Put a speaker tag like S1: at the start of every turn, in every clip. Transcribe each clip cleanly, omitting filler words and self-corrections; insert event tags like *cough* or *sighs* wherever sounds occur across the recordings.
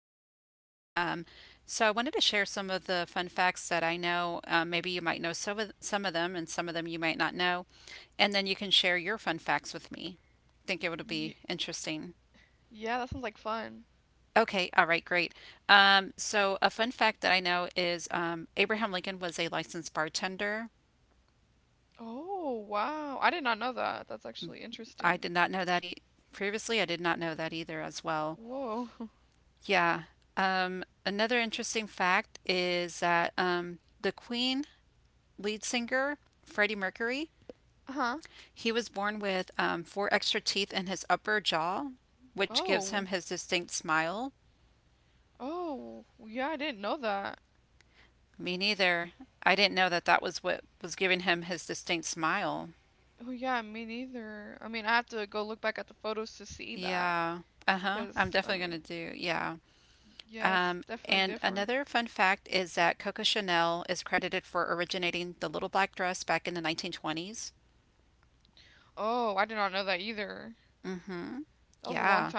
S1: entertaining. So I wanted to share some of the fun facts that I know. Maybe you might know some of them, and some of them you might not know, and then you can share your fun facts with me. Think it would be interesting. Okay, all right, great. So a fun fact that I know is Abraham Lincoln was a licensed bartender. I did not know that e previously. I did not know that either as well. Yeah. Another interesting fact is that the Queen lead singer, Freddie Mercury, he was born with four extra teeth in his upper jaw, which gives him his distinct smile. Me neither. I didn't know that that was what was giving him his distinct smile. Yeah. Uh-huh. I'm definitely going to do. Yeah. And another fun fact is that Coco Chanel is credited for originating the little black dress back in the 1920s. Mm-hmm. Yeah.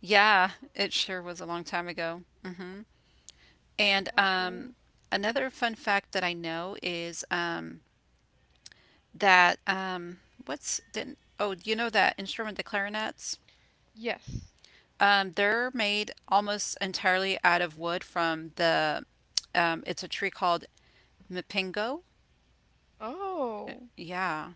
S1: Yeah, it sure was a long time ago. And another fun fact that I know is that what's didn't oh, you know that instrument, the clarinets? They're made almost entirely out of wood from the it's a tree called Mapingo? Yeah.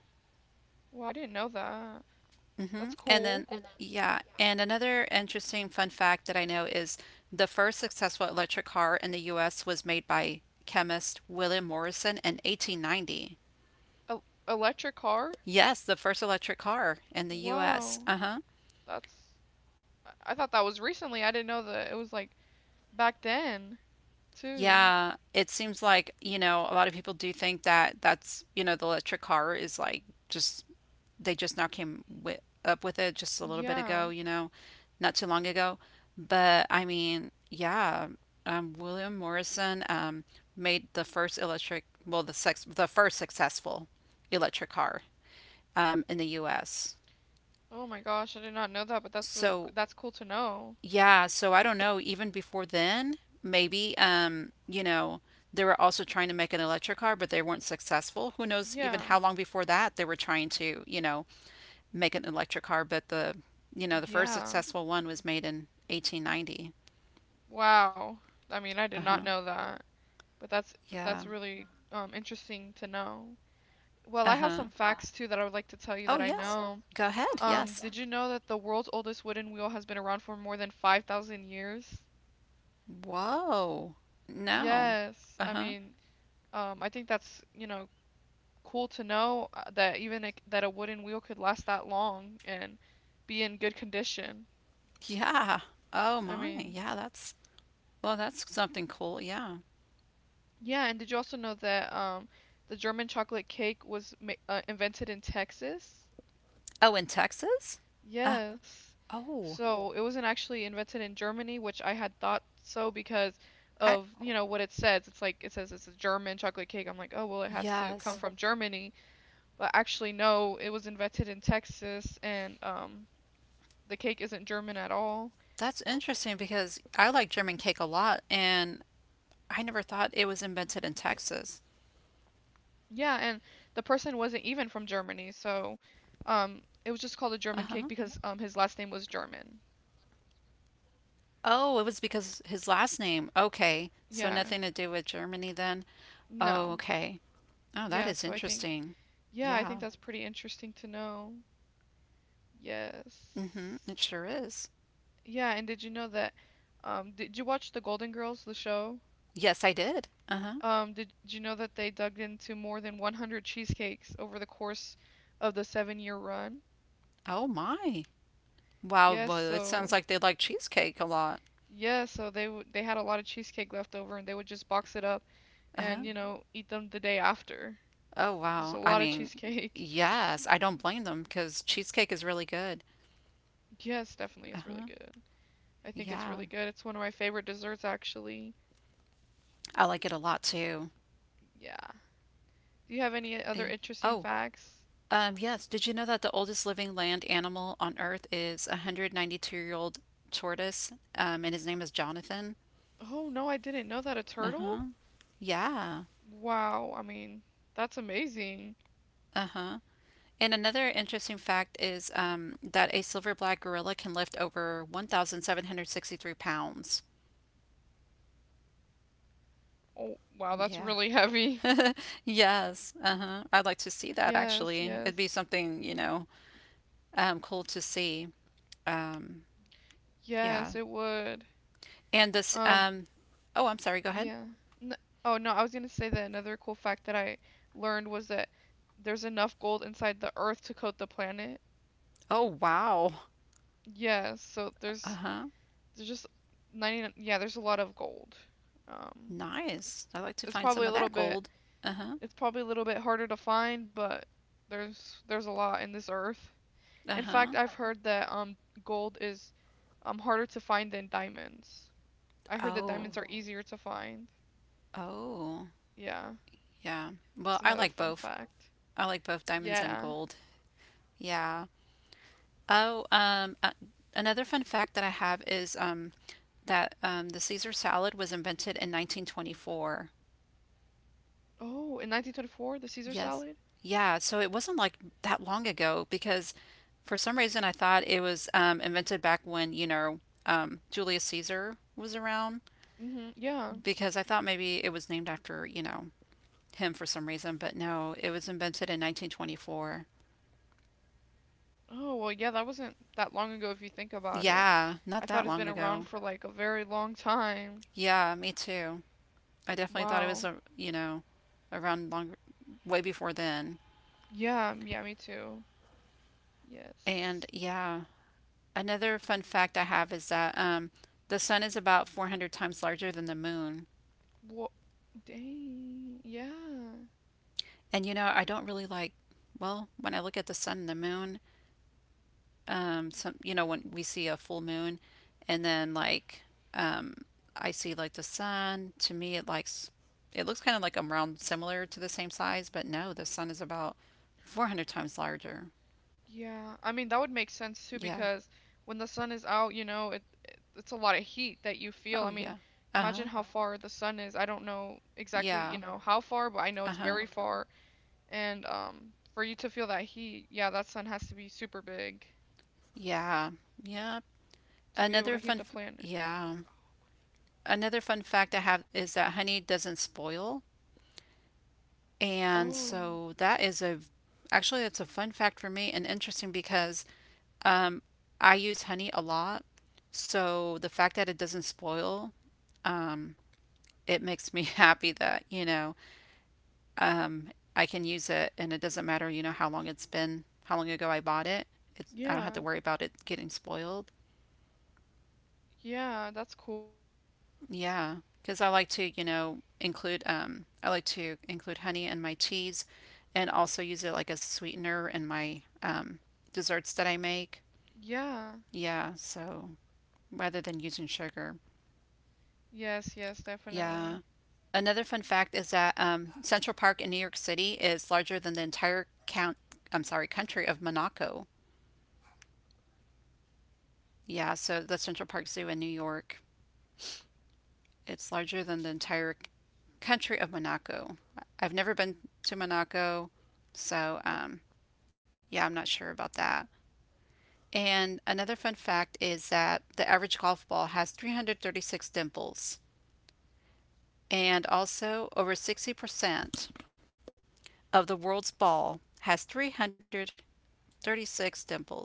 S1: And then, yeah. And another interesting fun fact that I know is the first successful electric car in the US was made by chemist William Morrison in 1890. Yes, the first electric car in the US. Uh-huh. Yeah, it seems like, you know, a lot of people do think that that's, the electric car is like just they just now came wi up with it just a little bit ago, you know, not too long ago. But I mean, yeah, William Morrison made well, the first successful electric car in the U.S. So yeah, so I don't know. Even before then, maybe you know they were also trying to make an electric car, but they weren't successful. Who knows? Even how long before that they were trying to, you know, make an electric car, but the you know the first successful one was made in 1890. Uh huh. Yeah. Uh huh. Oh, yes. Go ahead. Yes. Whoa. No. Uh huh. Yeah. Oh my. Yeah. That's, well, that's something cool. Yeah. Oh, in Texas. Uh, oh, I yes, that's interesting because I like German cake a lot, and I never thought it was invented in Texas. Uh huh. Oh, it was because his last name. Okay. So nothing to do with Germany then? Oh, okay. Oh, that is interesting. Yeah. Mm-hmm. It sure is. Yes, I did. Uh-huh. Oh my. Wow, well, it sounds like they like cheesecake a lot. Uh-huh. Oh, wow. I mean, yes, I don't blame them because cheesecake is really good. Uh-huh. Yeah. I like it a lot too. Eh, Oh. Yes, did you know that the oldest living land animal on Earth is a 192-year-old tortoise, and his name is Jonathan? Uh-huh. Yeah. Uh-huh. And another interesting fact is that a silverback gorilla can lift over 1,763 pounds. Yeah. *laughs* Yes. Uh-huh. I'd like to see that actually. It'd be something, you know, cool to see. Um, yeah. And this, um, oh, I'm sorry, go ahead. Oh, wow. Uh-huh. Nice. I like to find some of that gold. Uh huh. Uh huh. Oh. Oh. Yeah. Well, I like both. I like both diamonds and gold. Yeah. Oh. Another fun fact that I have is that the Caesar salad was invented in 1924. Yes. Yeah. So it wasn't like that long ago because for some reason I thought it was invented back when you know Julius Caesar was around because I thought maybe it was named after you know him for some reason, but no, it was invented in 1924. Yeah, not that long ago. Yeah, me too. I definitely thought it was you know, around long way before then. And yeah, another fun fact I have is that the sun is about 400 times larger than the moon. And you know, I don't really well, when I look at the sun and the moon, some you know when we see a full moon and then like um I see like the sun to me it likes it looks kind of like I round similar to the same size, but no the sun is about 400 times larger. Yeah. Oh, yeah. Uh-huh. Yeah. Uh-huh. Yeah. Yep. Yeah, another fun fact I have is that honey doesn't spoil, and so that is a actually it's a fun fact for me and interesting because Um, I use honey a lot, so the fact that it doesn't spoil, um, it makes me *laughs* happy that, you know, um, I can use it and it doesn't matter, you know, how long it's been, how long ago I bought it. It's, I don't have to worry about it getting spoiled. Yeah, because I like to, you know, include I like to include honey in my teas, and also use it like a sweetener in my desserts that I make. Yeah, so rather than using sugar. Yeah. Another fun fact is that Central Park in New York City is larger than the entire count. I'm sorry, country of Monaco. Yeah, so the Central Park Zoo in New York, it's larger than the entire country of Monaco. I've never been to Monaco, so yeah, I'm not sure about that. And another fun fact is that the average golf ball has 336 dimples, and also over 60% of the world's ball has 336 dimples.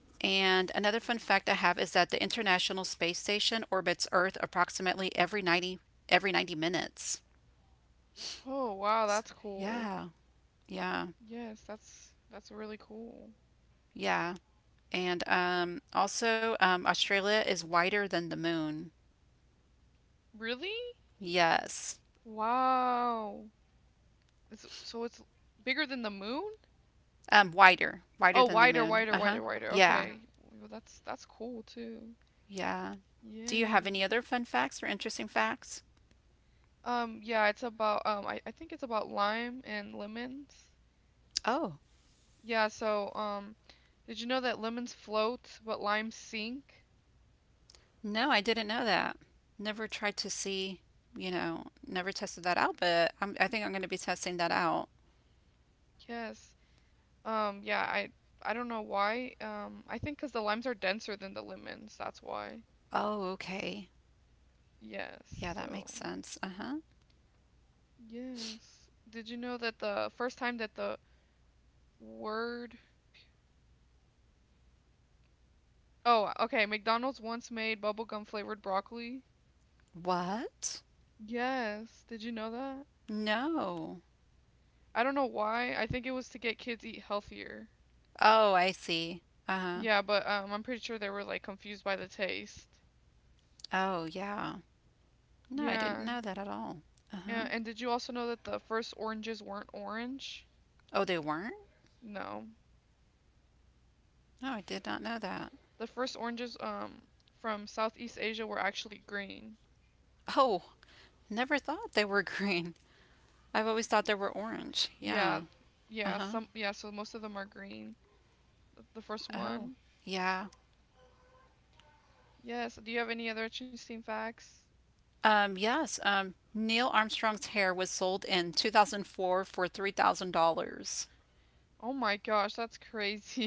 S1: And another fun fact I have is that the International Space Station orbits Earth approximately every 90 minutes.
S2: Oh, wow, that's cool.
S1: Yeah, yeah,
S2: Yes, that's really cool.
S1: yeah. And also, Australia is wider than the moon.
S2: Really?
S1: Yes.
S2: Wow. So it's bigger than the moon?
S1: Wider, wider
S2: Oh,
S1: than the
S2: wider,
S1: moon.
S2: wider,
S1: Uh-huh.
S2: wider, wider.
S1: Yeah,
S2: Okay. Well, that's cool too.
S1: yeah. Do you have
S2: Yes.
S1: any other fun facts or interesting facts?
S2: Yeah, it's about I think it's about lime and lemons.
S1: Oh,
S2: Yeah, so did you know that lemons float but limes sink?
S1: no, I didn't know that. Never tried to see, you know, never tested that out, but I think I'm going to be testing that out.
S2: Yes. Yeah, I don't know why. I think 'cause the limes are denser than the lemons, that's why.
S1: Oh, okay.
S2: Yes.
S1: Yeah, that
S2: So,
S1: makes sense. Uh-huh.
S2: yes. Did you know that the first time that the word Oh, okay, McDonald's once made bubblegum flavored broccoli?
S1: What?
S2: Yes. Did you know that?
S1: No.
S2: I don't know why. I think it was to get kids eat healthier.
S1: Oh, I see. Uh-huh.
S2: Yeah, but I'm pretty sure they were like confused by the taste.
S1: Oh, yeah. No, I didn't
S2: Yeah.
S1: know that at all. Uh-huh.
S2: And did you also know that the first oranges weren't orange?
S1: Oh, they weren't?
S2: No.
S1: No, I did not know that.
S2: The first oranges from Southeast Asia were actually green.
S1: Oh, never thought they were *laughs* green. I've always thought they were orange.
S2: Yeah,
S1: Yeah.
S2: yeah,
S1: Uh-huh.
S2: some yeah, so most of them are green. The first
S1: Oh,
S2: one.
S1: yeah.
S2: Yes, do you have any other interesting facts?
S1: Yes. Neil Armstrong's hair was sold in 2004 for $3,000.
S2: Oh my gosh, that's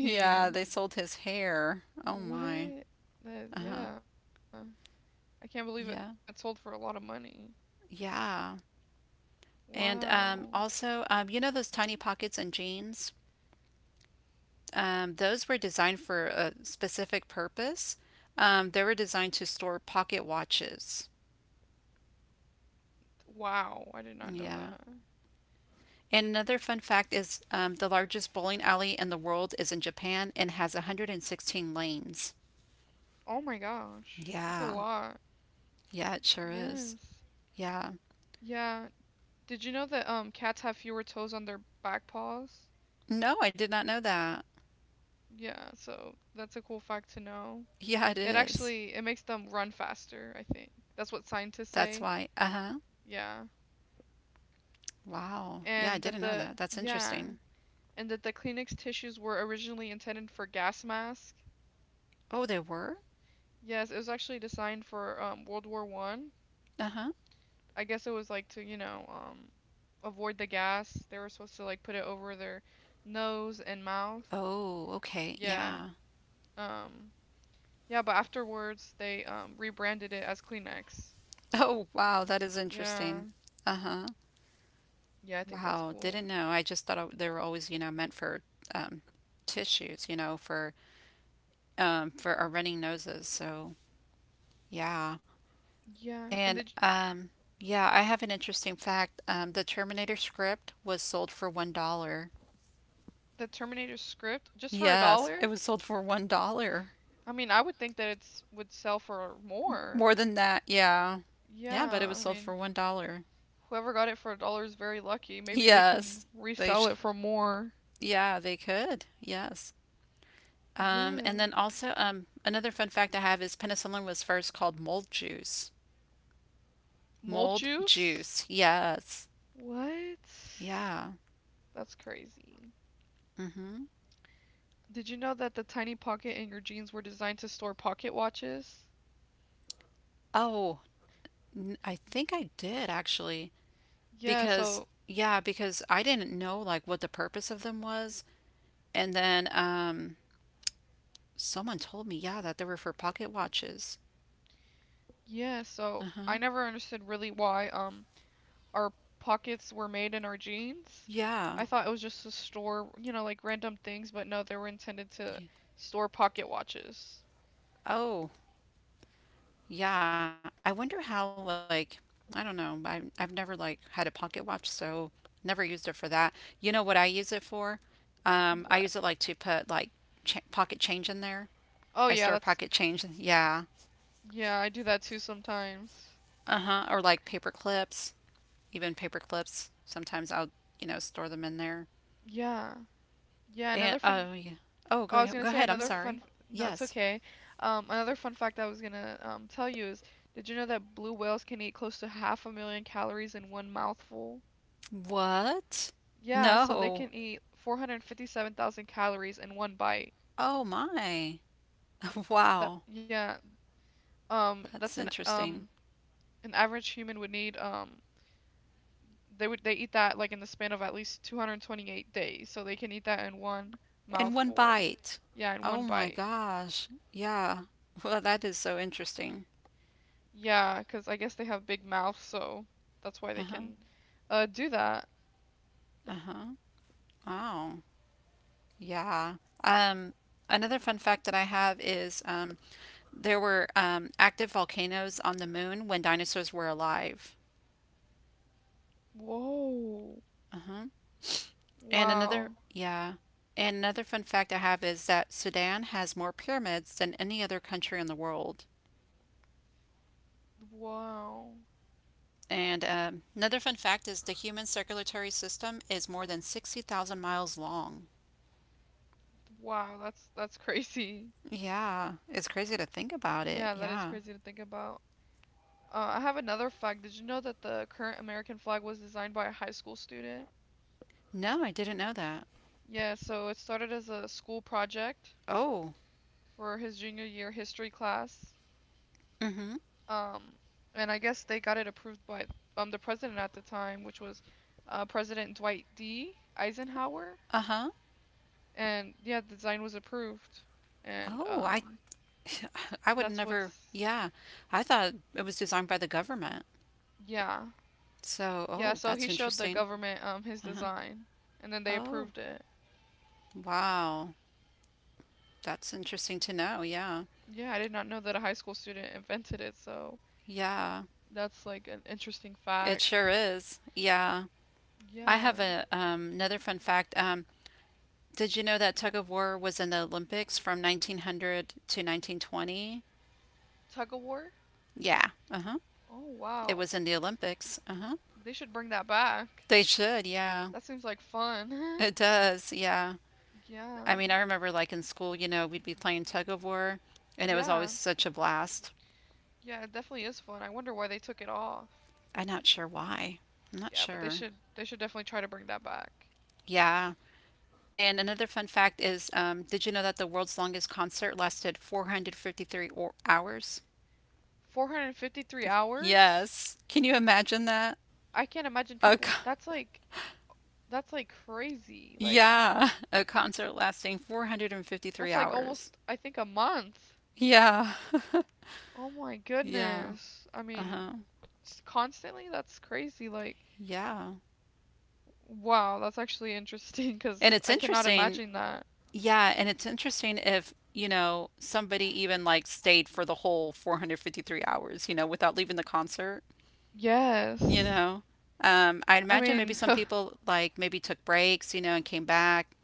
S1: Yeah,
S2: Mm.
S1: they
S2: *laughs*
S1: sold his hair. Oh my.
S2: What? That is,
S1: Uh-huh.
S2: yeah. I can't believe it. Yeah, it
S1: Yeah.
S2: sold for a lot of money.
S1: Yeah. And
S2: Wow.
S1: also, you know those tiny pockets in jeans? Those were designed for a specific purpose. They were designed to store pocket watches.
S2: Wow, I did not know
S1: Yeah.
S2: that.
S1: And another fun fact is the largest bowling alley in the world is in Japan and has 116 lanes.
S2: Oh my gosh, that's a
S1: Yeah.
S2: lot.
S1: Yeah, it sure is.
S2: Yes.
S1: Yeah.
S2: Yeah. Did you know that cats have fewer toes on their back paws?
S1: No, I did not know that.
S2: Yeah, so that's a cool fact to know.
S1: Yeah, it
S2: It
S1: is.
S2: actually it makes them run faster, I think. That's what scientists
S1: That's
S2: say.
S1: why. Uh-huh.
S2: Yeah.
S1: Wow. Yeah, I
S2: And that
S1: didn't know
S2: the
S1: that. That's
S2: yeah,
S1: interesting.
S2: and that the Kleenex tissues were originally intended for gas mask.
S1: Oh, they were?
S2: Yes, it was actually designed for World War One.
S1: Uh-huh.
S2: I guess it was like to, you know, avoid the gas. They were supposed to like put it over their nose and mouth.
S1: Oh, okay.
S2: Yeah.
S1: Yeah. *laughs*
S2: Um yeah, but afterwards they rebranded it as Kleenex.
S1: Oh, wow. That is
S2: Yeah.
S1: interesting. Uh-huh.
S2: Yeah, I think that's
S1: Wow. Didn't
S2: cool.
S1: know. I just thought they were always, you know, meant for um, tissues, you know, for our running noses. So, yeah.
S2: Yeah. And
S1: And
S2: did you
S1: yeah, I have an interesting fact. The Terminator script was sold for $1.
S2: The Terminator script just for a
S1: Yes,
S2: dollar?
S1: it was sold for $1.
S2: I mean, I would think that it's would sell for more.
S1: More than that, yeah. Yeah, but it
S2: Yeah,
S1: was
S2: I
S1: sold
S2: mean,
S1: for $1.
S2: whoever got it for a dollar is very lucky. Maybe they yeah, can
S1: Yes, they sh
S2: resell it for more.
S1: yeah, they could. Yes. Um,
S2: Yeah.
S1: and then also, another fun fact I have is penicillin was first called mold juice.
S2: Mold
S1: Mold
S2: juice?
S1: juice. Yes.
S2: What?
S1: Yeah.
S2: That's crazy.
S1: hmm
S2: Did you know that the tiny pocket in your jeans were designed to store pocket watches?
S1: Oh, I think I did actually
S2: Yeah,
S1: because
S2: so
S1: yeah, because I didn't know like what the purpose of them was, and then someone told me yeah that they were for pocket watches.
S2: yeah, so I
S1: Uh-huh.
S2: never understood really why our pockets were made in our jeans.
S1: Yeah.
S2: I thought it was just to store, you know, like random things, but no, they were intended
S1: Yeah.
S2: to store pocket watches.
S1: Oh, yeah, I wonder how like I don't know. I've never like had a pocket watch, so never used it for that. You know what I use it for? I use it
S2: What?
S1: like to put like ch pocket change in there.
S2: Oh
S1: I
S2: yeah,
S1: store pocket change. Yeah.
S2: I do that too sometimes.
S1: Uh-huh. Or like paper clips, even paper clips. Sometimes I'll, you know, store them in there.
S2: Yeah. Yeah,
S1: And
S2: another fun
S1: oh, yeah. Oh,
S2: oh, I was gonna
S1: go
S2: say
S1: ahead. I'm
S2: another
S1: sorry.
S2: fun no, it's
S1: Yes.
S2: okay. Another fun fact I was gonna tell you is did you know that blue whales can eat close to half a million calories in one mouthful?
S1: What?
S2: Yeah, so they
S1: No.
S2: can eat 457,000 calories in one bite.
S1: Oh my. *laughs*
S2: That
S1: Wow.
S2: yeah, that's
S1: That's interesting.
S2: an average human would need um, they eat that like in the span of at least 228 days, so they can eat that in one
S1: In one
S2: mouthful.
S1: bite.
S2: Yeah, in
S1: Oh
S2: one
S1: my
S2: bite.
S1: gosh. Yeah. *laughs* Well, that is so interesting.
S2: Yeah, because I guess they have big mouths, so that's why they
S1: Uh-huh.
S2: can do that.
S1: Uh-huh. Wow. Yeah. Um, another fun fact that I have is there were active volcanoes on the moon when dinosaurs were alive.
S2: Whoa.
S1: Uh-huh. And another,
S2: Wow.
S1: yeah. And another fun fact I have is that Sudan has more pyramids than any other country in the world.
S2: Wow.
S1: And another fun fact is the human circulatory system is more than 60,000 miles long.
S2: Wow, that's *laughs* crazy.
S1: Yeah, it's crazy to think about it.
S2: Yeah, that is
S1: Yeah.
S2: crazy to think about. I have another flag. Did you know that the current American flag was designed by a high school student?
S1: No, I didn't know that.
S2: Yeah, so it started as a school project
S1: Oh.
S2: for his junior year history class.
S1: Mm-hmm.
S2: Um, and I guess they got it approved by the president at the time, which was President Dwight D. Eisenhower.
S1: Uh-huh.
S2: And yeah, the design was approved. And
S1: Oh, I *laughs* I would
S2: that's
S1: never.
S2: what's,
S1: Yeah. I thought it was designed by the government.
S2: yeah.
S1: So,
S2: Yeah,
S1: oh,
S2: so he
S1: that's
S2: showed the
S1: interesting.
S2: government his
S1: Uh-huh.
S2: design, and then they
S1: Oh,
S2: approved it.
S1: wow. That's interesting to know. Yeah.
S2: Yeah, I did not know that a high school student invented it, so
S1: Yeah.
S2: that's like an interesting
S1: It
S2: fact.
S1: sure is. Yeah. I
S2: Yeah.
S1: have a another fun fact. Did you know that tug of war was in the Olympics from 1900 to 1920?
S2: Tug of War?
S1: Yeah. Uh-huh.
S2: Oh
S1: It
S2: wow.
S1: was in the Olympics. Uh-huh.
S2: They should bring that back.
S1: They should, yeah.
S2: That seems like fun. *laughs*
S1: It does, yeah. I
S2: Yeah.
S1: mean, I remember like in school, you know, we'd be playing tug of war and it was always
S2: Yeah.
S1: such a blast.
S2: Yeah, it definitely is fun. I wonder why they took it off.
S1: I'm not sure why. I'm not
S2: Yeah, but they
S1: sure.
S2: should they should definitely try to bring that back.
S1: Yeah. And another fun fact is, did you know that the world's longest concert lasted 453 or hours?
S2: 453 hours?
S1: Yes. Can you imagine that?
S2: I can't imagine
S1: A
S2: people
S1: co-
S2: that's like crazy. Like
S1: yeah, a concert lasting 453
S2: that's like almost
S1: hours.
S2: I think a month.
S1: Yeah.
S2: Oh my
S1: Yeah.
S2: goodness. I mean,
S1: Uh-huh.
S2: constantly? That's crazy. Like
S1: Yeah.
S2: wow, that's actually *laughs* interesting
S1: And
S2: because
S1: it's
S2: I cannot
S1: interesting,
S2: imagine that.
S1: yeah, and it's interesting if, you know, somebody even like stayed for the whole 453 hours, you know, without leaving the concert, you
S2: Yes.
S1: know. I'd
S2: I
S1: imagine maybe
S2: mean,
S1: some
S2: *laughs*
S1: people like maybe took breaks, you know, and came back,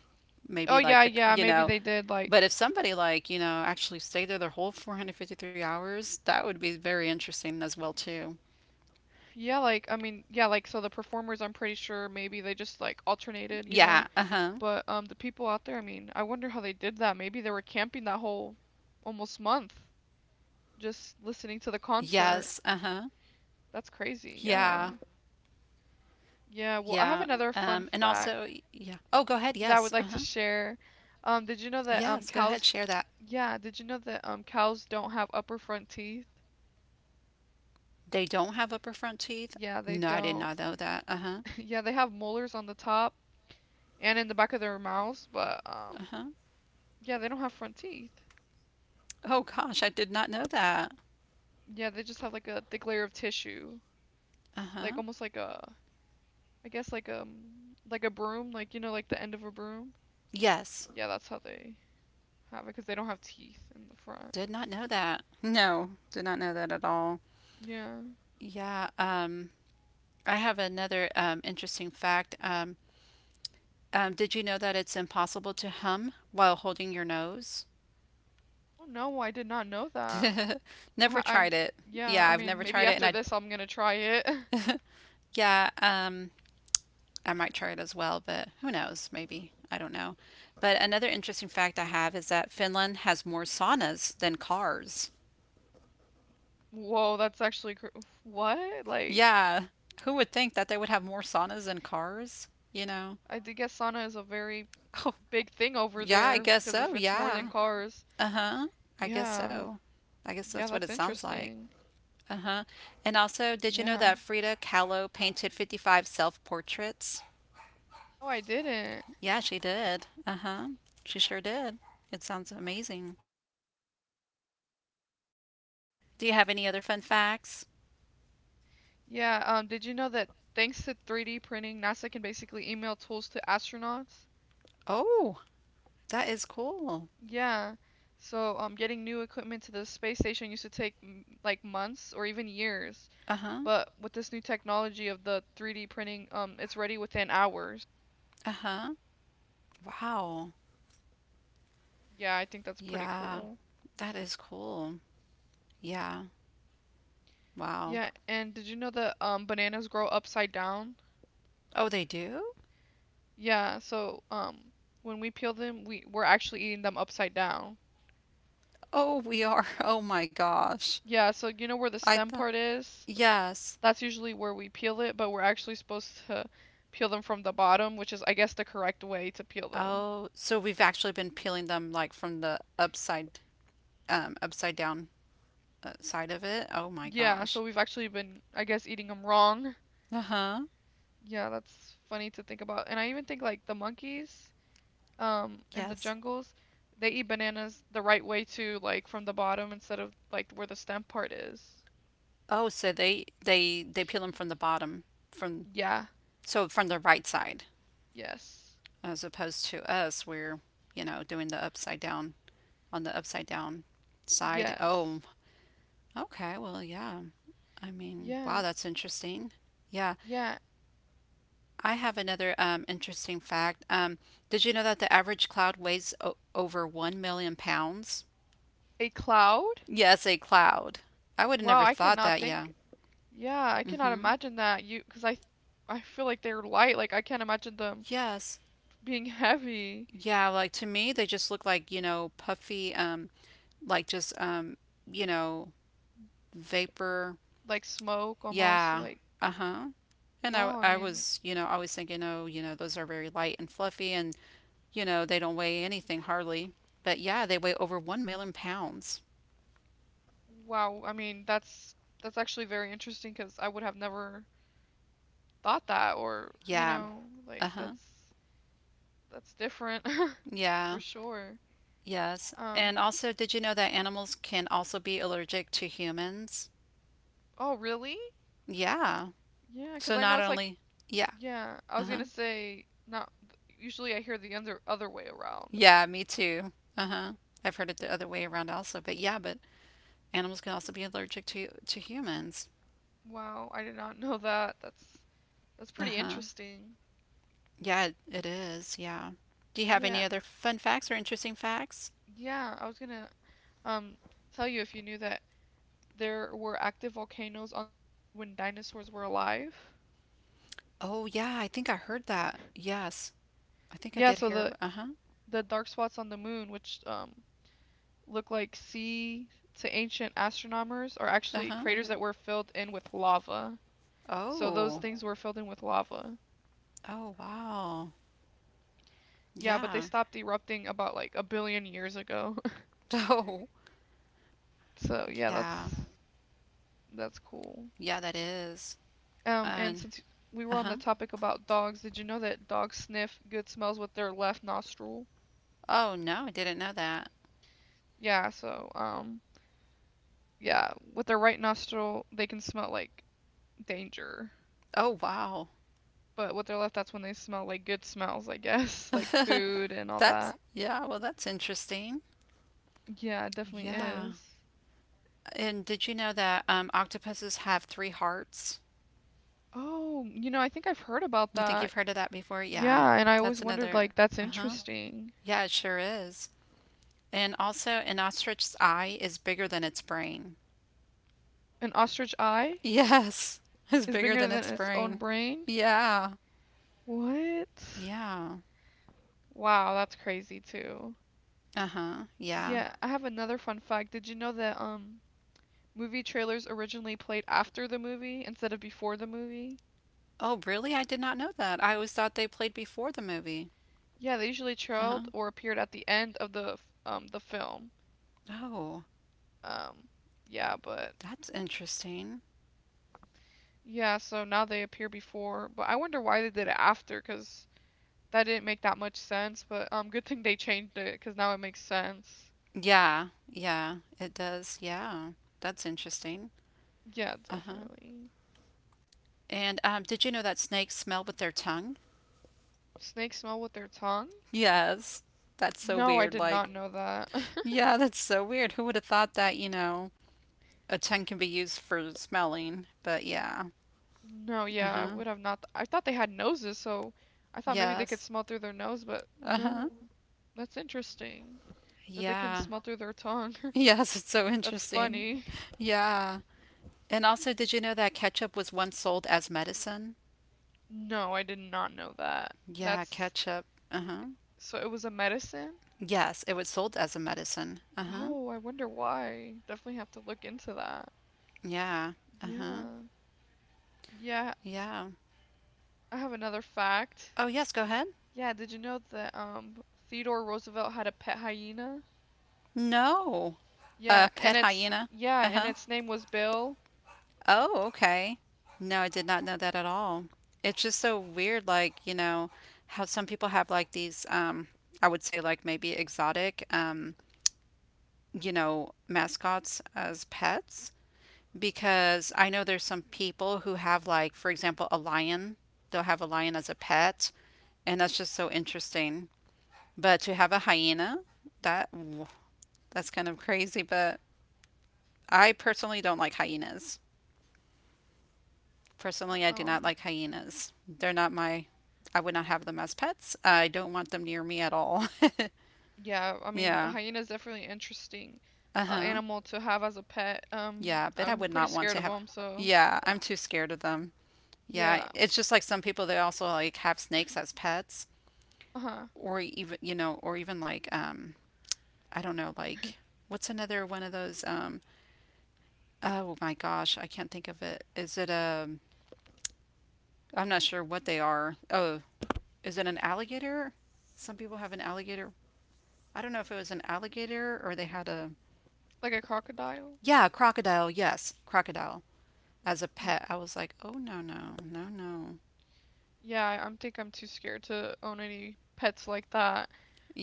S2: oh
S1: maybe
S2: yeah,
S1: like,
S2: yeah,
S1: you
S2: maybe
S1: know,
S2: they did like
S1: but if somebody like, you know, actually stayed there their whole 453 hours, that would be very interesting as well too.
S2: yeah, like I mean, yeah, like so the performers I'm pretty sure maybe they just like alternated, you know.
S1: Yeah, uh-huh.
S2: But the people out there, I mean, I wonder how they did that. Maybe they were camping that whole almost month just listening to the
S1: Yes,
S2: concert.
S1: uh-huh.
S2: That's crazy.
S1: Yeah,
S2: Yeah. Yeah, well,
S1: yeah.
S2: I have another
S1: And
S2: fun
S1: also,
S2: fact
S1: yeah. Oh, go ahead. Yes,
S2: that I would
S1: uh-huh.
S2: like to share. Did you know that
S1: Yes, go ahead, share that.
S2: cows don't have upper front teeth?
S1: They don't have upper front teeth.
S2: Yeah, they
S1: No, I did
S2: don't.
S1: not know that. Uh huh.
S2: *laughs* Yeah, they have molars on the top and in the back of their mouths, but
S1: Uh huh.
S2: yeah, they don't have front teeth.
S1: Oh gosh, I did not know that.
S2: Yeah, they just have like a thick layer of tissue,
S1: Uh
S2: like
S1: huh.
S2: almost like a, I guess like a broom, like you know, like the end of a broom.
S1: Yes,
S2: Yeah, that's how they have it because they don't have teeth in the front.
S1: did not know that. No, did not know that at all.
S2: Yeah.
S1: Yeah. I have another interesting fact. Did you know that it's impossible to hum while holding your nose?
S2: Oh no, I did not know that.
S1: *laughs* Never
S2: I, i
S1: tried it.
S2: yeah,
S1: Yeah,
S2: I
S1: I've
S2: mean,
S1: never
S2: maybe
S1: tried it, and
S2: after
S1: I
S2: this I'm gonna try it. *laughs*
S1: yeah. I might try it as well, but who knows? Maybe. I don't know. But another interesting fact I have is that Finland has more saunas than cars.
S2: Whoa, that's actually cr what? Like,
S1: Yeah. Who would think that they would have more saunas than cars? You know?
S2: I did guess sauna is a very
S1: Oh,
S2: big thing over
S1: yeah, I
S2: there
S1: guess
S2: because if
S1: so.
S2: it's more than
S1: Yeah.
S2: cars.
S1: Uh huh. I guess
S2: Yeah.
S1: so. I guess
S2: Yeah,
S1: that's what
S2: that's
S1: it sounds like.
S2: interesting.
S1: Uh huh. And also, did you know
S2: Yeah.
S1: that Frida Kahlo painted 55 self portraits?
S2: No, I didn't.
S1: Yeah, she did. Uh huh. She sure did. It sounds amazing. Do you have any other fun facts?
S2: Yeah, did you know that thanks to 3D printing, NASA can basically email tools to astronauts?
S1: Oh, that is cool.
S2: Yeah. So, getting new equipment to the space station used to take like months or even years,
S1: Uh-huh.
S2: but with this new technology of the 3D printing, it's ready within hours.
S1: Uh-huh. Wow.
S2: Yeah, I think that's pretty
S1: Yeah,
S2: cool.
S1: that is cool. Yeah. Wow.
S2: Yeah, and did you know that bananas grow upside down?
S1: Oh, they do?
S2: Yeah, so when we peel them, we're actually eating them upside down.
S1: Oh, we are. *laughs* Oh my gosh.
S2: Yeah, so you know where the
S1: I
S2: stem
S1: thought
S2: part is?
S1: Yes.
S2: That's usually where we peel it, but we're actually supposed to peel them from the bottom, which is I guess the correct way to peel them.
S1: Oh, so we've actually been peeling them like from the upside upside down side of it. Oh my
S2: Yeah, so
S1: gosh.
S2: we've actually been I guess eating them wrong.
S1: Uh-huh.
S2: Yeah, that's funny to think about. And I even think like the monkeys in the
S1: Yes.
S2: jungles, they eat bananas the right way too, like from the bottom instead of like where the stem part is.
S1: Oh, so they peel them from the bottom from
S2: Yeah,
S1: so from the right side
S2: yes.
S1: as opposed to us, we're you know doing the upside down on the upside down side.
S2: Yes.
S1: Oh, okay. Well, yeah. I mean,
S2: Yeah,
S1: wow, that's interesting. Yeah,
S2: yeah.
S1: I have another interesting fact. Did you know that the average cloud weighs over 1 million pounds?
S2: A cloud?
S1: Yes, a cloud. I would have
S2: Wow,
S1: never
S2: I
S1: thought
S2: cannot
S1: that, yeah.
S2: think. Yeah, I cannot
S1: Mm-hmm.
S2: imagine that. I feel like they're light. Like I can't imagine them
S1: Yes.
S2: being *laughs* heavy,
S1: Yeah, like to me, they just look like, you know, puffy, like just, you know, vapor.
S2: like smoke almost.
S1: Yeah.
S2: Like
S1: Uh-huh. And I,
S2: wow. I
S1: I
S2: mean,
S1: was, you know, always thinking, oh, you know, those are very light and fluffy and, you know, they don't weigh anything hardly. But yeah, they weigh over 1 million pounds.
S2: wow. I mean, that's actually very interesting because I would have never thought that, or you
S1: Yeah.
S2: know,
S1: Uh
S2: like
S1: huh.
S2: that's different *laughs*
S1: Yeah.
S2: for sure.
S1: Yes.
S2: Um.
S1: And also, did you know that animals can also be allergic to humans?
S2: Oh, really?
S1: Yeah.
S2: Yeah,
S1: So
S2: because I know
S1: not
S2: it's like
S1: only, yeah.
S2: Yeah, I
S1: Uh
S2: was
S1: huh.
S2: gonna say not. Usually, I hear the other way around.
S1: Yeah, me too. Uh huh. I've heard it the other way around also. But yeah, but animals can also be allergic to humans.
S2: Wow, I did not know that. That's
S1: Uh
S2: pretty
S1: huh.
S2: interesting.
S1: Yeah, it is. Yeah. Do you have any
S2: Yeah,
S1: other fun facts or interesting facts?
S2: yeah. I was gonna um tell you if you knew that there were active volcanoes on the moon when dinosaurs were alive.
S1: Oh, yeah, I think I heard that. Yes. I think I
S2: Yeah,
S1: did
S2: so
S1: hear.
S2: the
S1: Ab- Uh-huh.
S2: the dark spots on the moon, which look like sea to ancient astronomers, are actually
S1: Uh-huh.
S2: craters that were filled in with lava. So those
S1: Oh.
S2: things were filled in with lava.
S1: Oh, wow.
S2: Yeah, but they
S1: Yeah. *laughs*
S2: stopped erupting about like a billion years ago. *laughs*
S1: Oh,
S2: So yeah,
S1: yeah.
S2: that's cool.
S1: Yeah, that is.
S2: And
S1: And
S2: since we were on
S1: uh-huh.
S2: the topic about dogs, did you know that dogs sniff good smells with their left nostril?
S1: Oh, no, I didn't know that.
S2: Yeah, so yeah, with their right nostril they can smell like danger,
S1: Oh, wow.
S2: but with their left that's when they smell like good smells, I guess, *laughs* like
S1: *laughs*
S2: food and all
S1: That's
S2: that.
S1: yeah, well, that's interesting.
S2: Yeah, it definitely
S1: Yeah.
S2: is.
S1: And did you know that octopuses have three hearts?
S2: Oh, you know, I think I've heard about
S1: You think
S2: that.
S1: you've heard of that before? Yeah.
S2: Yeah, and I always
S1: That's
S2: wondered
S1: another.
S2: like that's
S1: Uh huh.
S2: interesting.
S1: Yeah, it sure is. And also, an ostrich's eye is bigger than its brain.
S2: An ostrich eye
S1: Yes, *laughs* is
S2: is
S1: bigger
S2: bigger
S1: than
S2: than
S1: its
S2: its
S1: brain.
S2: own brain?
S1: Yeah.
S2: What?
S1: Yeah.
S2: Wow, that's crazy too.
S1: Uh huh. Yeah.
S2: Yeah, I have another fun fact. Did you know that movie trailers originally played after the movie instead of before the movie?
S1: Oh, really? I did not know that. I always thought they played before the movie.
S2: Yeah, they usually
S1: Uh huh.
S2: trailed or appeared at the end of the the film.
S1: Oh,
S2: Um yeah, but
S1: that's interesting.
S2: yeah, so now they appear before, but I wonder why they did it after 'cause that didn't make that much sense, but good thing they changed it 'cause now it makes sense.
S1: Yeah. Yeah. It does. Yeah. That's interesting.
S2: Yeah,
S1: Uh huh.
S2: definitely.
S1: And did you know that snakes smell with their tongue?
S2: Snakes smell with their tongue?
S1: Yes. That's so
S2: No, I
S1: weird.
S2: did
S1: Like,
S2: not know that. *laughs*
S1: yeah, that's so weird. Who would have thought that, you know, a tongue can be used for smelling? But yeah.
S2: No, yeah, I
S1: Uh-huh.
S2: would have not. I thought they had noses, so I thought maybe they could
S1: Yes.
S2: smell through their nose, but
S1: Uh-huh.
S2: no. That's interesting that they can
S1: Yeah.
S2: smell through their tongue.
S1: Yes, it's so
S2: *laughs* That's
S1: interesting.
S2: funny.
S1: Yeah. And also, did you know that ketchup was once sold as medicine?
S2: No, I did not know that.
S1: Yeah,
S2: That's
S1: ketchup. Uh-huh.
S2: so it was a medicine?
S1: Yes, it was sold as a medicine. Uh-huh.
S2: Oh, I wonder why. Definitely have to look into that.
S1: Yeah. Uh-huh.
S2: Yeah. Yeah,
S1: Yeah.
S2: I have another fact.
S1: Oh, yes, go ahead.
S2: Yeah, did you know that Theodore Roosevelt had a pet hyena?
S1: No.
S2: Yeah, and
S1: Pet hyena. Uh-huh.
S2: its name was Bill.
S1: Oh, okay. No, I did not know that at all. It's just so weird, like, you know, how some people have like these, I would say like maybe exotic, you know, mascots as pets. Because I know there's some people who have like, for example, a lion. They'll have a lion as a pet, and that's just so interesting. But to have a hyena, that that's kind of crazy, but I personally don't like hyenas. Personally,
S2: Uh,
S1: I do not
S2: Um,
S1: like hyenas. They're not my. I would not have them as pets. I don't want them near me at all. *laughs*
S2: yeah, I mean, a
S1: yeah.
S2: hyena is definitely interesting
S1: Uh huh.
S2: animal to have as a pet.
S1: Yeah, but I
S2: I'm
S1: would
S2: pretty
S1: not want
S2: scared
S1: to
S2: of
S1: have.
S2: them, so
S1: Yeah, I'm too scared of them. Yeah,
S2: yeah,
S1: it's just like some people they also like have snakes as pets,
S2: uh-huh.
S1: or even you know, or even like I don't know, like what's another one of those oh my gosh, I can't think of it. Is it a? I'm not sure what they are. Oh, is it an alligator? Some people have an alligator I don't know if it was an alligator or they had a
S2: Like a crocodile?
S1: yeah, crocodile. Yes, crocodile as a
S2: N-
S1: pet. I was like, "Oh no, no. No, no."
S2: Yeah, I am think I'm too scared to own any pets like that.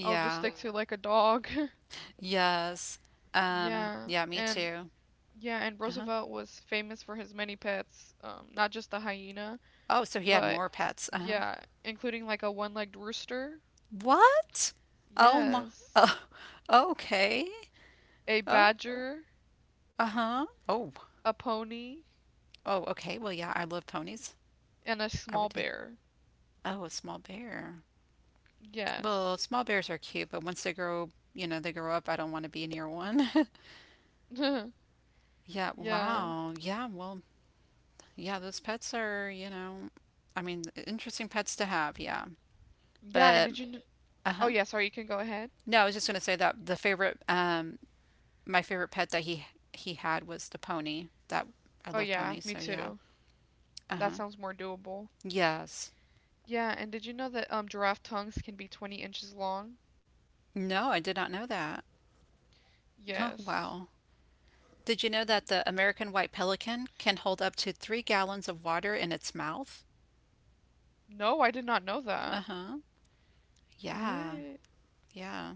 S2: I'll just stick to like a dog. *laughs*
S1: Yes.
S2: Yeah,
S1: Yeah, me
S2: and
S1: too.
S2: yeah, and
S1: Uh-huh.
S2: Roosevelt was famous for his many pets, not just the hyena,
S1: Oh, so he had
S2: but
S1: more pets. Uh-huh.
S2: yeah, including like a one-legged rooster.
S1: What? Oh my.
S2: Yes.
S1: Oh, okay.
S2: A
S1: Oh,
S2: badger,
S1: uh-huh. Oh.
S2: a pony,
S1: Oh, okay. Well, yeah, I love ponies.
S2: and a
S1: I would
S2: small
S1: do.
S2: bear.
S1: Oh, a small bear. Well,
S2: Yes.
S1: small bears are cute, but once they grow, you know, they grow up, I don't want to be near one. *laughs*
S2: *laughs*
S1: Yeah,
S2: Yeah.
S1: wow. Yeah, well, yeah, those pets are, you know, I mean, interesting pets to have, yeah.
S2: Yeah, and
S1: But
S2: did you know? Oh,
S1: uh-huh.
S2: yeah, sorry, you can go ahead.
S1: No, I was just gonna say that the favorite my favorite pet that he had was the pony. That I
S2: Oh,
S1: love
S2: yeah,
S1: ponies,
S2: me
S1: so yeah.
S2: too. That
S1: Uh-huh.
S2: sounds more doable.
S1: Yes.
S2: Yeah, and did you know that giraffe tongues can be 20 inches long?
S1: No, I did not know that. Oh,
S2: Yes.
S1: wow. Did you know
S2: Th-
S1: that the American white pelican can hold up to 3 gallons of water in its mouth?
S2: no, I did not know that.
S1: Uh-huh. Yeah.
S2: What?
S1: Yeah.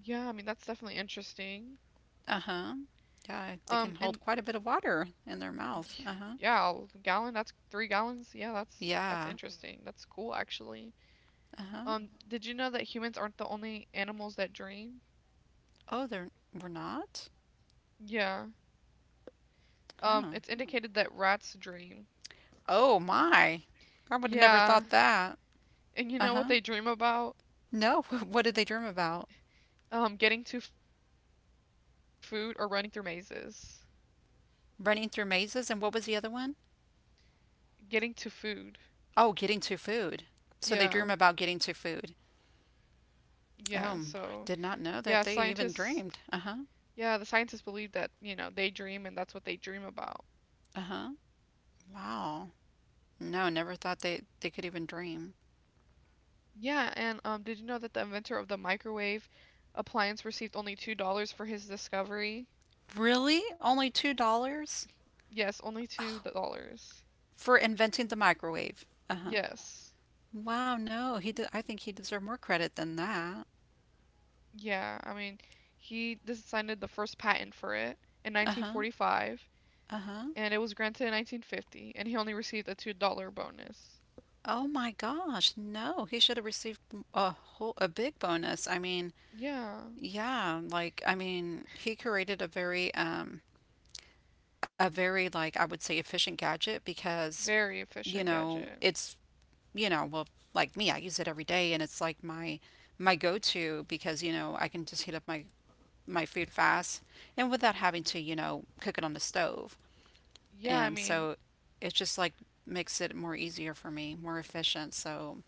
S2: Yeah, I mean that's definitely interesting.
S1: Uh-huh. Yeah, they
S2: Um,
S1: can
S2: and
S1: hold quite a bit of water in their
S2: *sighs* y-
S1: mouth. Uh-huh.
S2: yeah, a gallon, that's 3 gallons. Yeah, that's
S1: Yeah.
S2: interesting. That's cool actually.
S1: Uh-huh.
S2: Did you know that humans aren't the only animals that dream?
S1: Oh, they're We're not?
S2: Yeah. Um,
S1: Huh.
S2: it's indicated that rats dream.
S1: Oh my. I would have never
S2: Yeah.
S1: thought that.
S2: And you know what
S1: Uh-huh.
S2: they dream about?
S1: No, *laughs* what did they dream about?
S2: Getting to food or running through mazes.
S1: Running through mazes and what was the other one?
S2: Getting to food.
S1: Oh, getting to food. So they
S2: Yeah.
S1: dream about getting to food. Oh,
S2: Yeah.
S1: m- I
S2: So,
S1: did not know
S2: yeah,
S1: that they even
S2: scientists,
S1: dreamed. Uh-huh.
S2: yeah, the scientists believe that, you know, they dream and that's what they dream about.
S1: Uh-huh. Wow. No, never thought they could even dream.
S2: Yeah, and did you know that the inventor of the microwave appliance received only $2 for his discovery?
S1: Really? Only $2
S2: Yes, only $2.
S1: for inventing the microwave. Uh-huh.
S2: Yes.
S1: Wow, no, he did, I think he deserved more credit than that.
S2: Yeah, I mean, he decided the first patent for it in
S1: Uh-huh.
S2: 1945,
S1: Uh-huh.
S2: and it was granted in 1950, and he only received a $2 bonus.
S1: Oh my gosh, no, he should have received a whole a big bonus. I mean,
S2: Yeah,
S1: yeah, like I mean, he created a very like I would say efficient gadget because,
S2: very
S1: you
S2: efficient
S1: know,
S2: gadget.
S1: it's, you know, well, like me, I use it every day and it's like my go-to because, you know, I can just heat up my food fast and without having to, you know, cook it on the stove.
S2: Yeah, I
S1: And
S2: mean,
S1: so it just like makes it more easier for me, more efficient. So,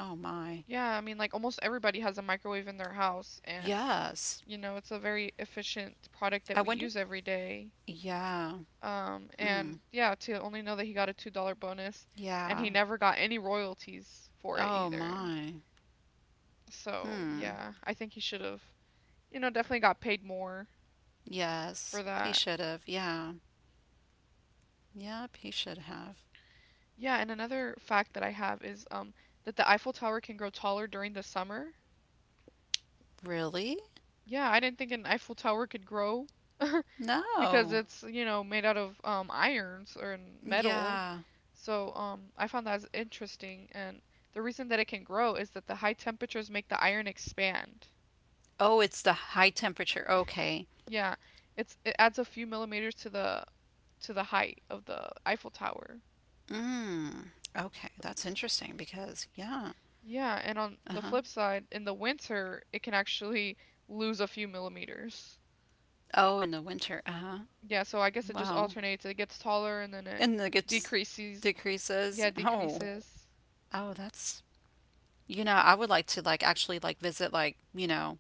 S1: oh my.
S2: yeah, I mean, like almost everybody has a microwave in their house, and
S1: Yes.
S2: you know, it's a very efficient product that
S1: I
S2: we
S1: wonder.
S2: use every day.
S1: Yeah.
S2: And
S1: Hmm.
S2: yeah, to only know that he got a $2 bonus, and
S1: Yeah.
S2: he never got any royalties for it
S1: Oh
S2: either.
S1: my.
S2: So,
S1: Hmm.
S2: yeah, I think he should have, you know, definitely got paid more for
S1: Yes. He
S2: that.
S1: should have. Yeah. Yep, he should have.
S2: Yeah, and another fact that I have is that the Eiffel Tower can grow taller during the summer.
S1: Really?
S2: Yeah, I didn't think an Eiffel Tower could grow because
S1: No.
S2: it's, you know, made out of irons or in metal.
S1: Yeah.
S2: So I found that interesting and the reason that it can grow is that the high temperatures make the iron expand.
S1: Oh, it's the high temperature. Okay.
S2: Yeah, it adds a few millimeters to the height of the Eiffel Tower.
S1: Mm. Okay, that's interesting because yeah.
S2: Yeah, and on the
S1: Uh-huh.
S2: flip side, in the winter, it can actually lose a few millimeters.
S1: Oh, in the winter. Uh-huh.
S2: Yeah, so I guess it just
S1: Wow.
S2: alternates. It gets taller and then it
S1: And the gets
S2: decreases.
S1: decreases.
S2: Yeah,
S1: Oh,
S2: decreases.
S1: oh, that's you know, I would like to like actually like visit like, you know,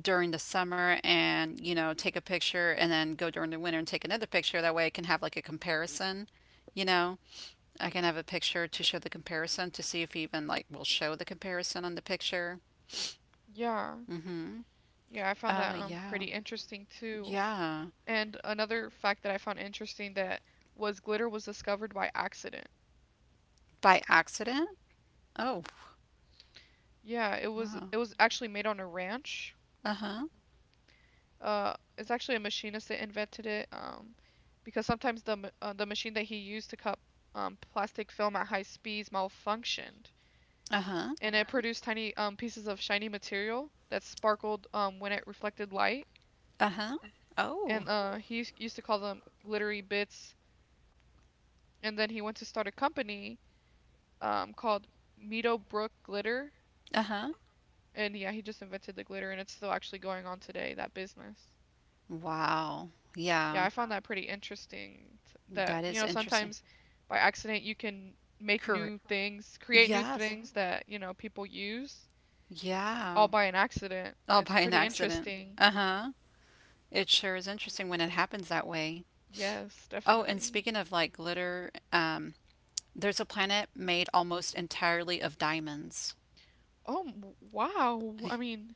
S1: during the summer and, you know, take a picture and then go during the winter and take another picture. That way I can have like a comparison, you know. I can have a picture to show the comparison to see if even like will show the comparison on the picture.
S2: Yeah.
S1: Mm-hmm.
S2: Yeah, I found that
S1: Yeah.
S2: pretty interesting too.
S1: Yeah.
S2: And another fact that I found interesting that was glitter was discovered by accident.
S1: By accident? Oh,
S2: Yeah, it was
S1: wow.
S2: it was actually made on a ranch.
S1: Uh-huh.
S2: It's actually a machinist that invented it. Because sometimes the machine that he used to cut plastic film at high speeds malfunctioned,
S1: Uh-huh.
S2: and it, uh-huh, produced tiny pieces of shiny material that sparkled when it reflected light.
S1: Uh-huh. Oh.
S2: And oh, he used to call them glittery bits. And then he went to start a company called Meadow Brook Glitter.
S1: Uh-huh.
S2: And yeah, he just invented the glitter, and it's still actually going on today, that business.
S1: Wow.
S2: Yeah,
S1: Yeah.
S2: I found that pretty interesting that,
S1: That
S2: you
S1: is
S2: know,
S1: interesting.
S2: sometimes by accident you can make
S1: Correct.
S2: new things, create new
S1: Yes.
S2: things that, you know, people use
S1: Yeah.
S2: all by an accident.
S1: Oh,
S2: It's
S1: by an
S2: pretty
S1: accident.
S2: interesting.
S1: Uh-huh. It sure is interesting when it happens that way.
S2: Yes,
S1: Oh, and
S2: definitely.
S1: speaking of like glitter, there's a planet made almost entirely of diamonds.
S2: Oh, wow. I mean,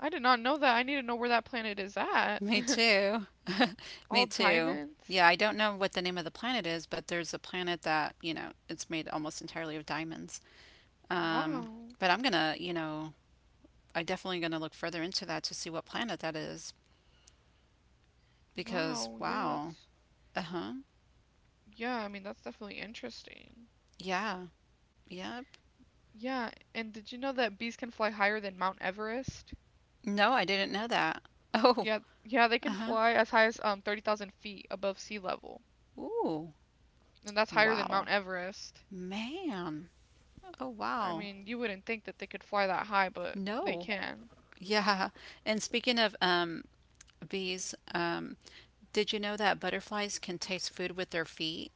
S2: I did not know that. I need to know where that planet is at.
S1: Me
S2: *laughs*
S1: too. *laughs* Me
S2: All
S1: too. Yeah,
S2: diamonds.
S1: I don't know what the name of the planet is, but there's a planet that, you know, it's made almost entirely of diamonds. Um,
S2: Wow.
S1: but I'm gonna, I definitely gonna look further into that to see what planet that is because
S2: Wow. Yeah,
S1: wow. Uh-huh.
S2: I mean, that's definitely interesting.
S1: Yeah. Yep.
S2: Yeah, and did you know that bees can fly higher than Mount Everest?
S1: No, I didn't know that. *laughs* Oh,
S2: Yeah, yeah, they can
S1: uh-huh.
S2: fly as high as 30,000 feet above sea level.
S1: Ooh.
S2: And that's higher than
S1: Wow.
S2: Mount Everest.
S1: Man. Oh,
S2: I
S1: wow.
S2: mean, you wouldn't think that they could fly that high, but they
S1: No.
S2: can.
S1: Yeah. And speaking of bees, did you know that butterflies can taste food with their feet?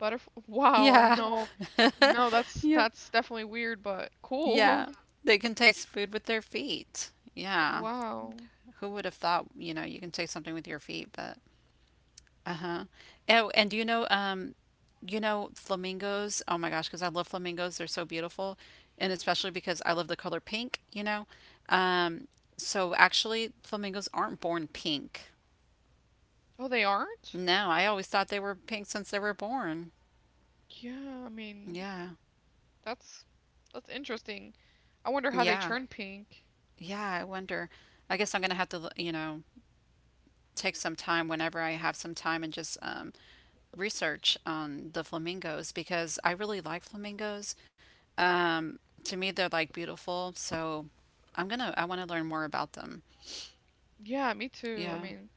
S2: Butterf *laughs* Wow, yeah.
S1: Yeah.
S2: No.
S1: *laughs*
S2: No, *laughs* that's
S1: Yeah.
S2: that's definitely weird, but
S1: Yeah.
S2: cool. *laughs*
S1: They can taste food with their feet. Yeah.
S2: Wow.
S1: Who would have thought, you know, you can taste something with your feet, but uh-huh. Oh, and do you know, flamingos, oh my gosh, because I love flamingos. They're so beautiful. And especially because I love the color pink, Um, so actually, flamingos aren't born pink.
S2: Oh, they aren't?
S1: No, I always thought they were pink since they were born.
S2: Yeah, I mean,
S1: Yeah.
S2: that's that's interesting. I wonder how they
S1: Yeah.
S2: turn pink.
S1: Yeah. I wonder. I guess I'm going to have to, you know, take some time whenever I have some time and just research on the flamingos because I really like flamingos. To me, they're like beautiful. So I'm going to, I want to learn more about them.
S2: Yeah, me too. I
S1: Yeah.
S2: mean,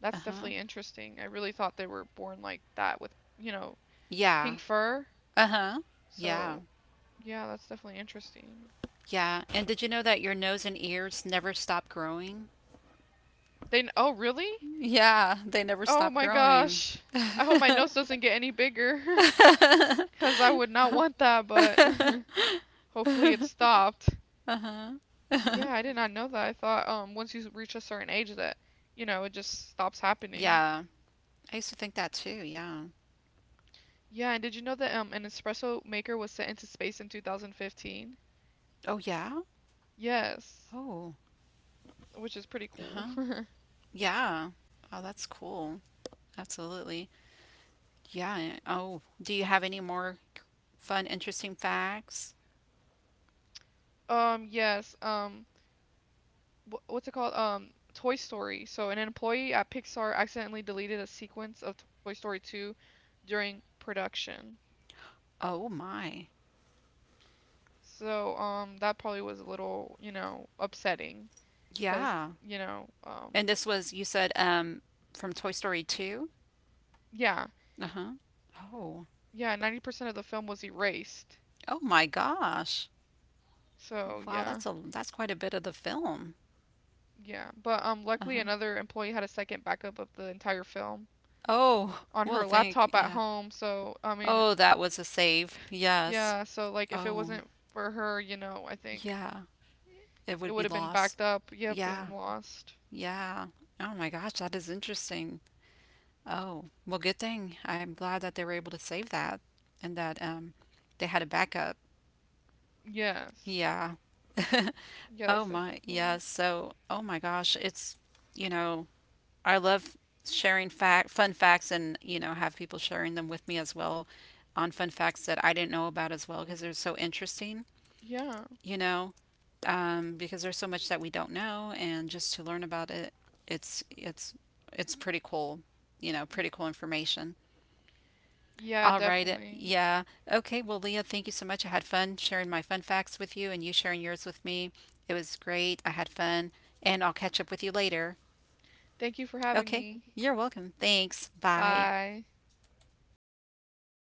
S2: that's
S1: Uh-huh.
S2: definitely interesting. I really thought they were born like that with, you know,
S1: Yeah.
S2: pink fur.
S1: Uh-huh. Yeah.
S2: So, yeah, that's definitely interesting.
S1: Yeah. And did you know that your nose and ears never stop growing?
S2: Oh, really?
S1: Yeah, they never
S2: Oh
S1: stop
S2: my
S1: growing.
S2: gosh. I hope my nose doesn't get any bigger *laughs* cuz I would not want that, but *laughs* hopefully it stopped. Yeah, I did not know that. I thought once you reach a certain age that, you know, it just stops happening.
S1: Yeah. I used to think that too. Yeah.
S2: Yeah, and did you know that an espresso maker was sent into space in 2015?
S1: Oh, yeah?
S2: Yes,
S1: Oh.
S2: which is pretty cool.
S1: Uh-huh.
S2: *laughs*
S1: Yeah. Oh, that's cool. Absolutely. Yeah. Oh, do you have any more fun, interesting facts?
S2: Yes, what's it called? Toy Story. So an employee at Pixar accidentally deleted a sequence of Toy Story 2 during production.
S1: Oh my.
S2: So that probably was a little, you know, upsetting because,
S1: Yeah.
S2: you know,
S1: And this was, you said, from Toy Story 2?
S2: yeah,
S1: Uh-huh. Oh.
S2: yeah, 90% of the film was erased.
S1: Oh my gosh.
S2: So
S1: Wow,
S2: yeah,
S1: that's a that's quite a bit of the film.
S2: yeah. But luckily
S1: Uh-huh.
S2: another employee had a second backup of the entire film
S1: Oh,
S2: on
S1: well,
S2: her
S1: thank
S2: laptop at
S1: yeah.
S2: home. So I mean,
S1: Oh, that was a save. Yes.
S2: yeah. So like if it
S1: Oh,
S2: wasn't for her, you know, I think
S1: yeah. It
S2: it
S1: would be
S2: would have been
S1: lost.
S2: backed up, yep,
S1: Yeah.
S2: and lost.
S1: Yeah. Oh my gosh, that is interesting. Oh, well, good thing. I'm glad that they were able to save that and that they had a backup.
S2: Yes.
S1: Yeah. *laughs*
S2: Yeah,
S1: Oh
S2: that's
S1: my.
S2: definitely cool.
S1: Yes. So, oh my gosh, you know, I love sharing fun facts and, you know, have people sharing them with me as well on fun facts that I didn't know about as well because they're so interesting,
S2: Yeah.
S1: you know, because there's so much that we don't know and just to learn about it, it's it's it's pretty cool, you know, pretty cool information.
S2: Yeah,
S1: All right.
S2: definitely.
S1: Yeah. Okay. Well, Leah, thank you so much. I had fun sharing my fun facts with you and you sharing yours with me. It was great. I had fun and I'll catch up with you later.
S2: Thank you for having
S1: Okay.
S2: me.
S1: You're welcome. Thanks. Bye.
S2: Bye.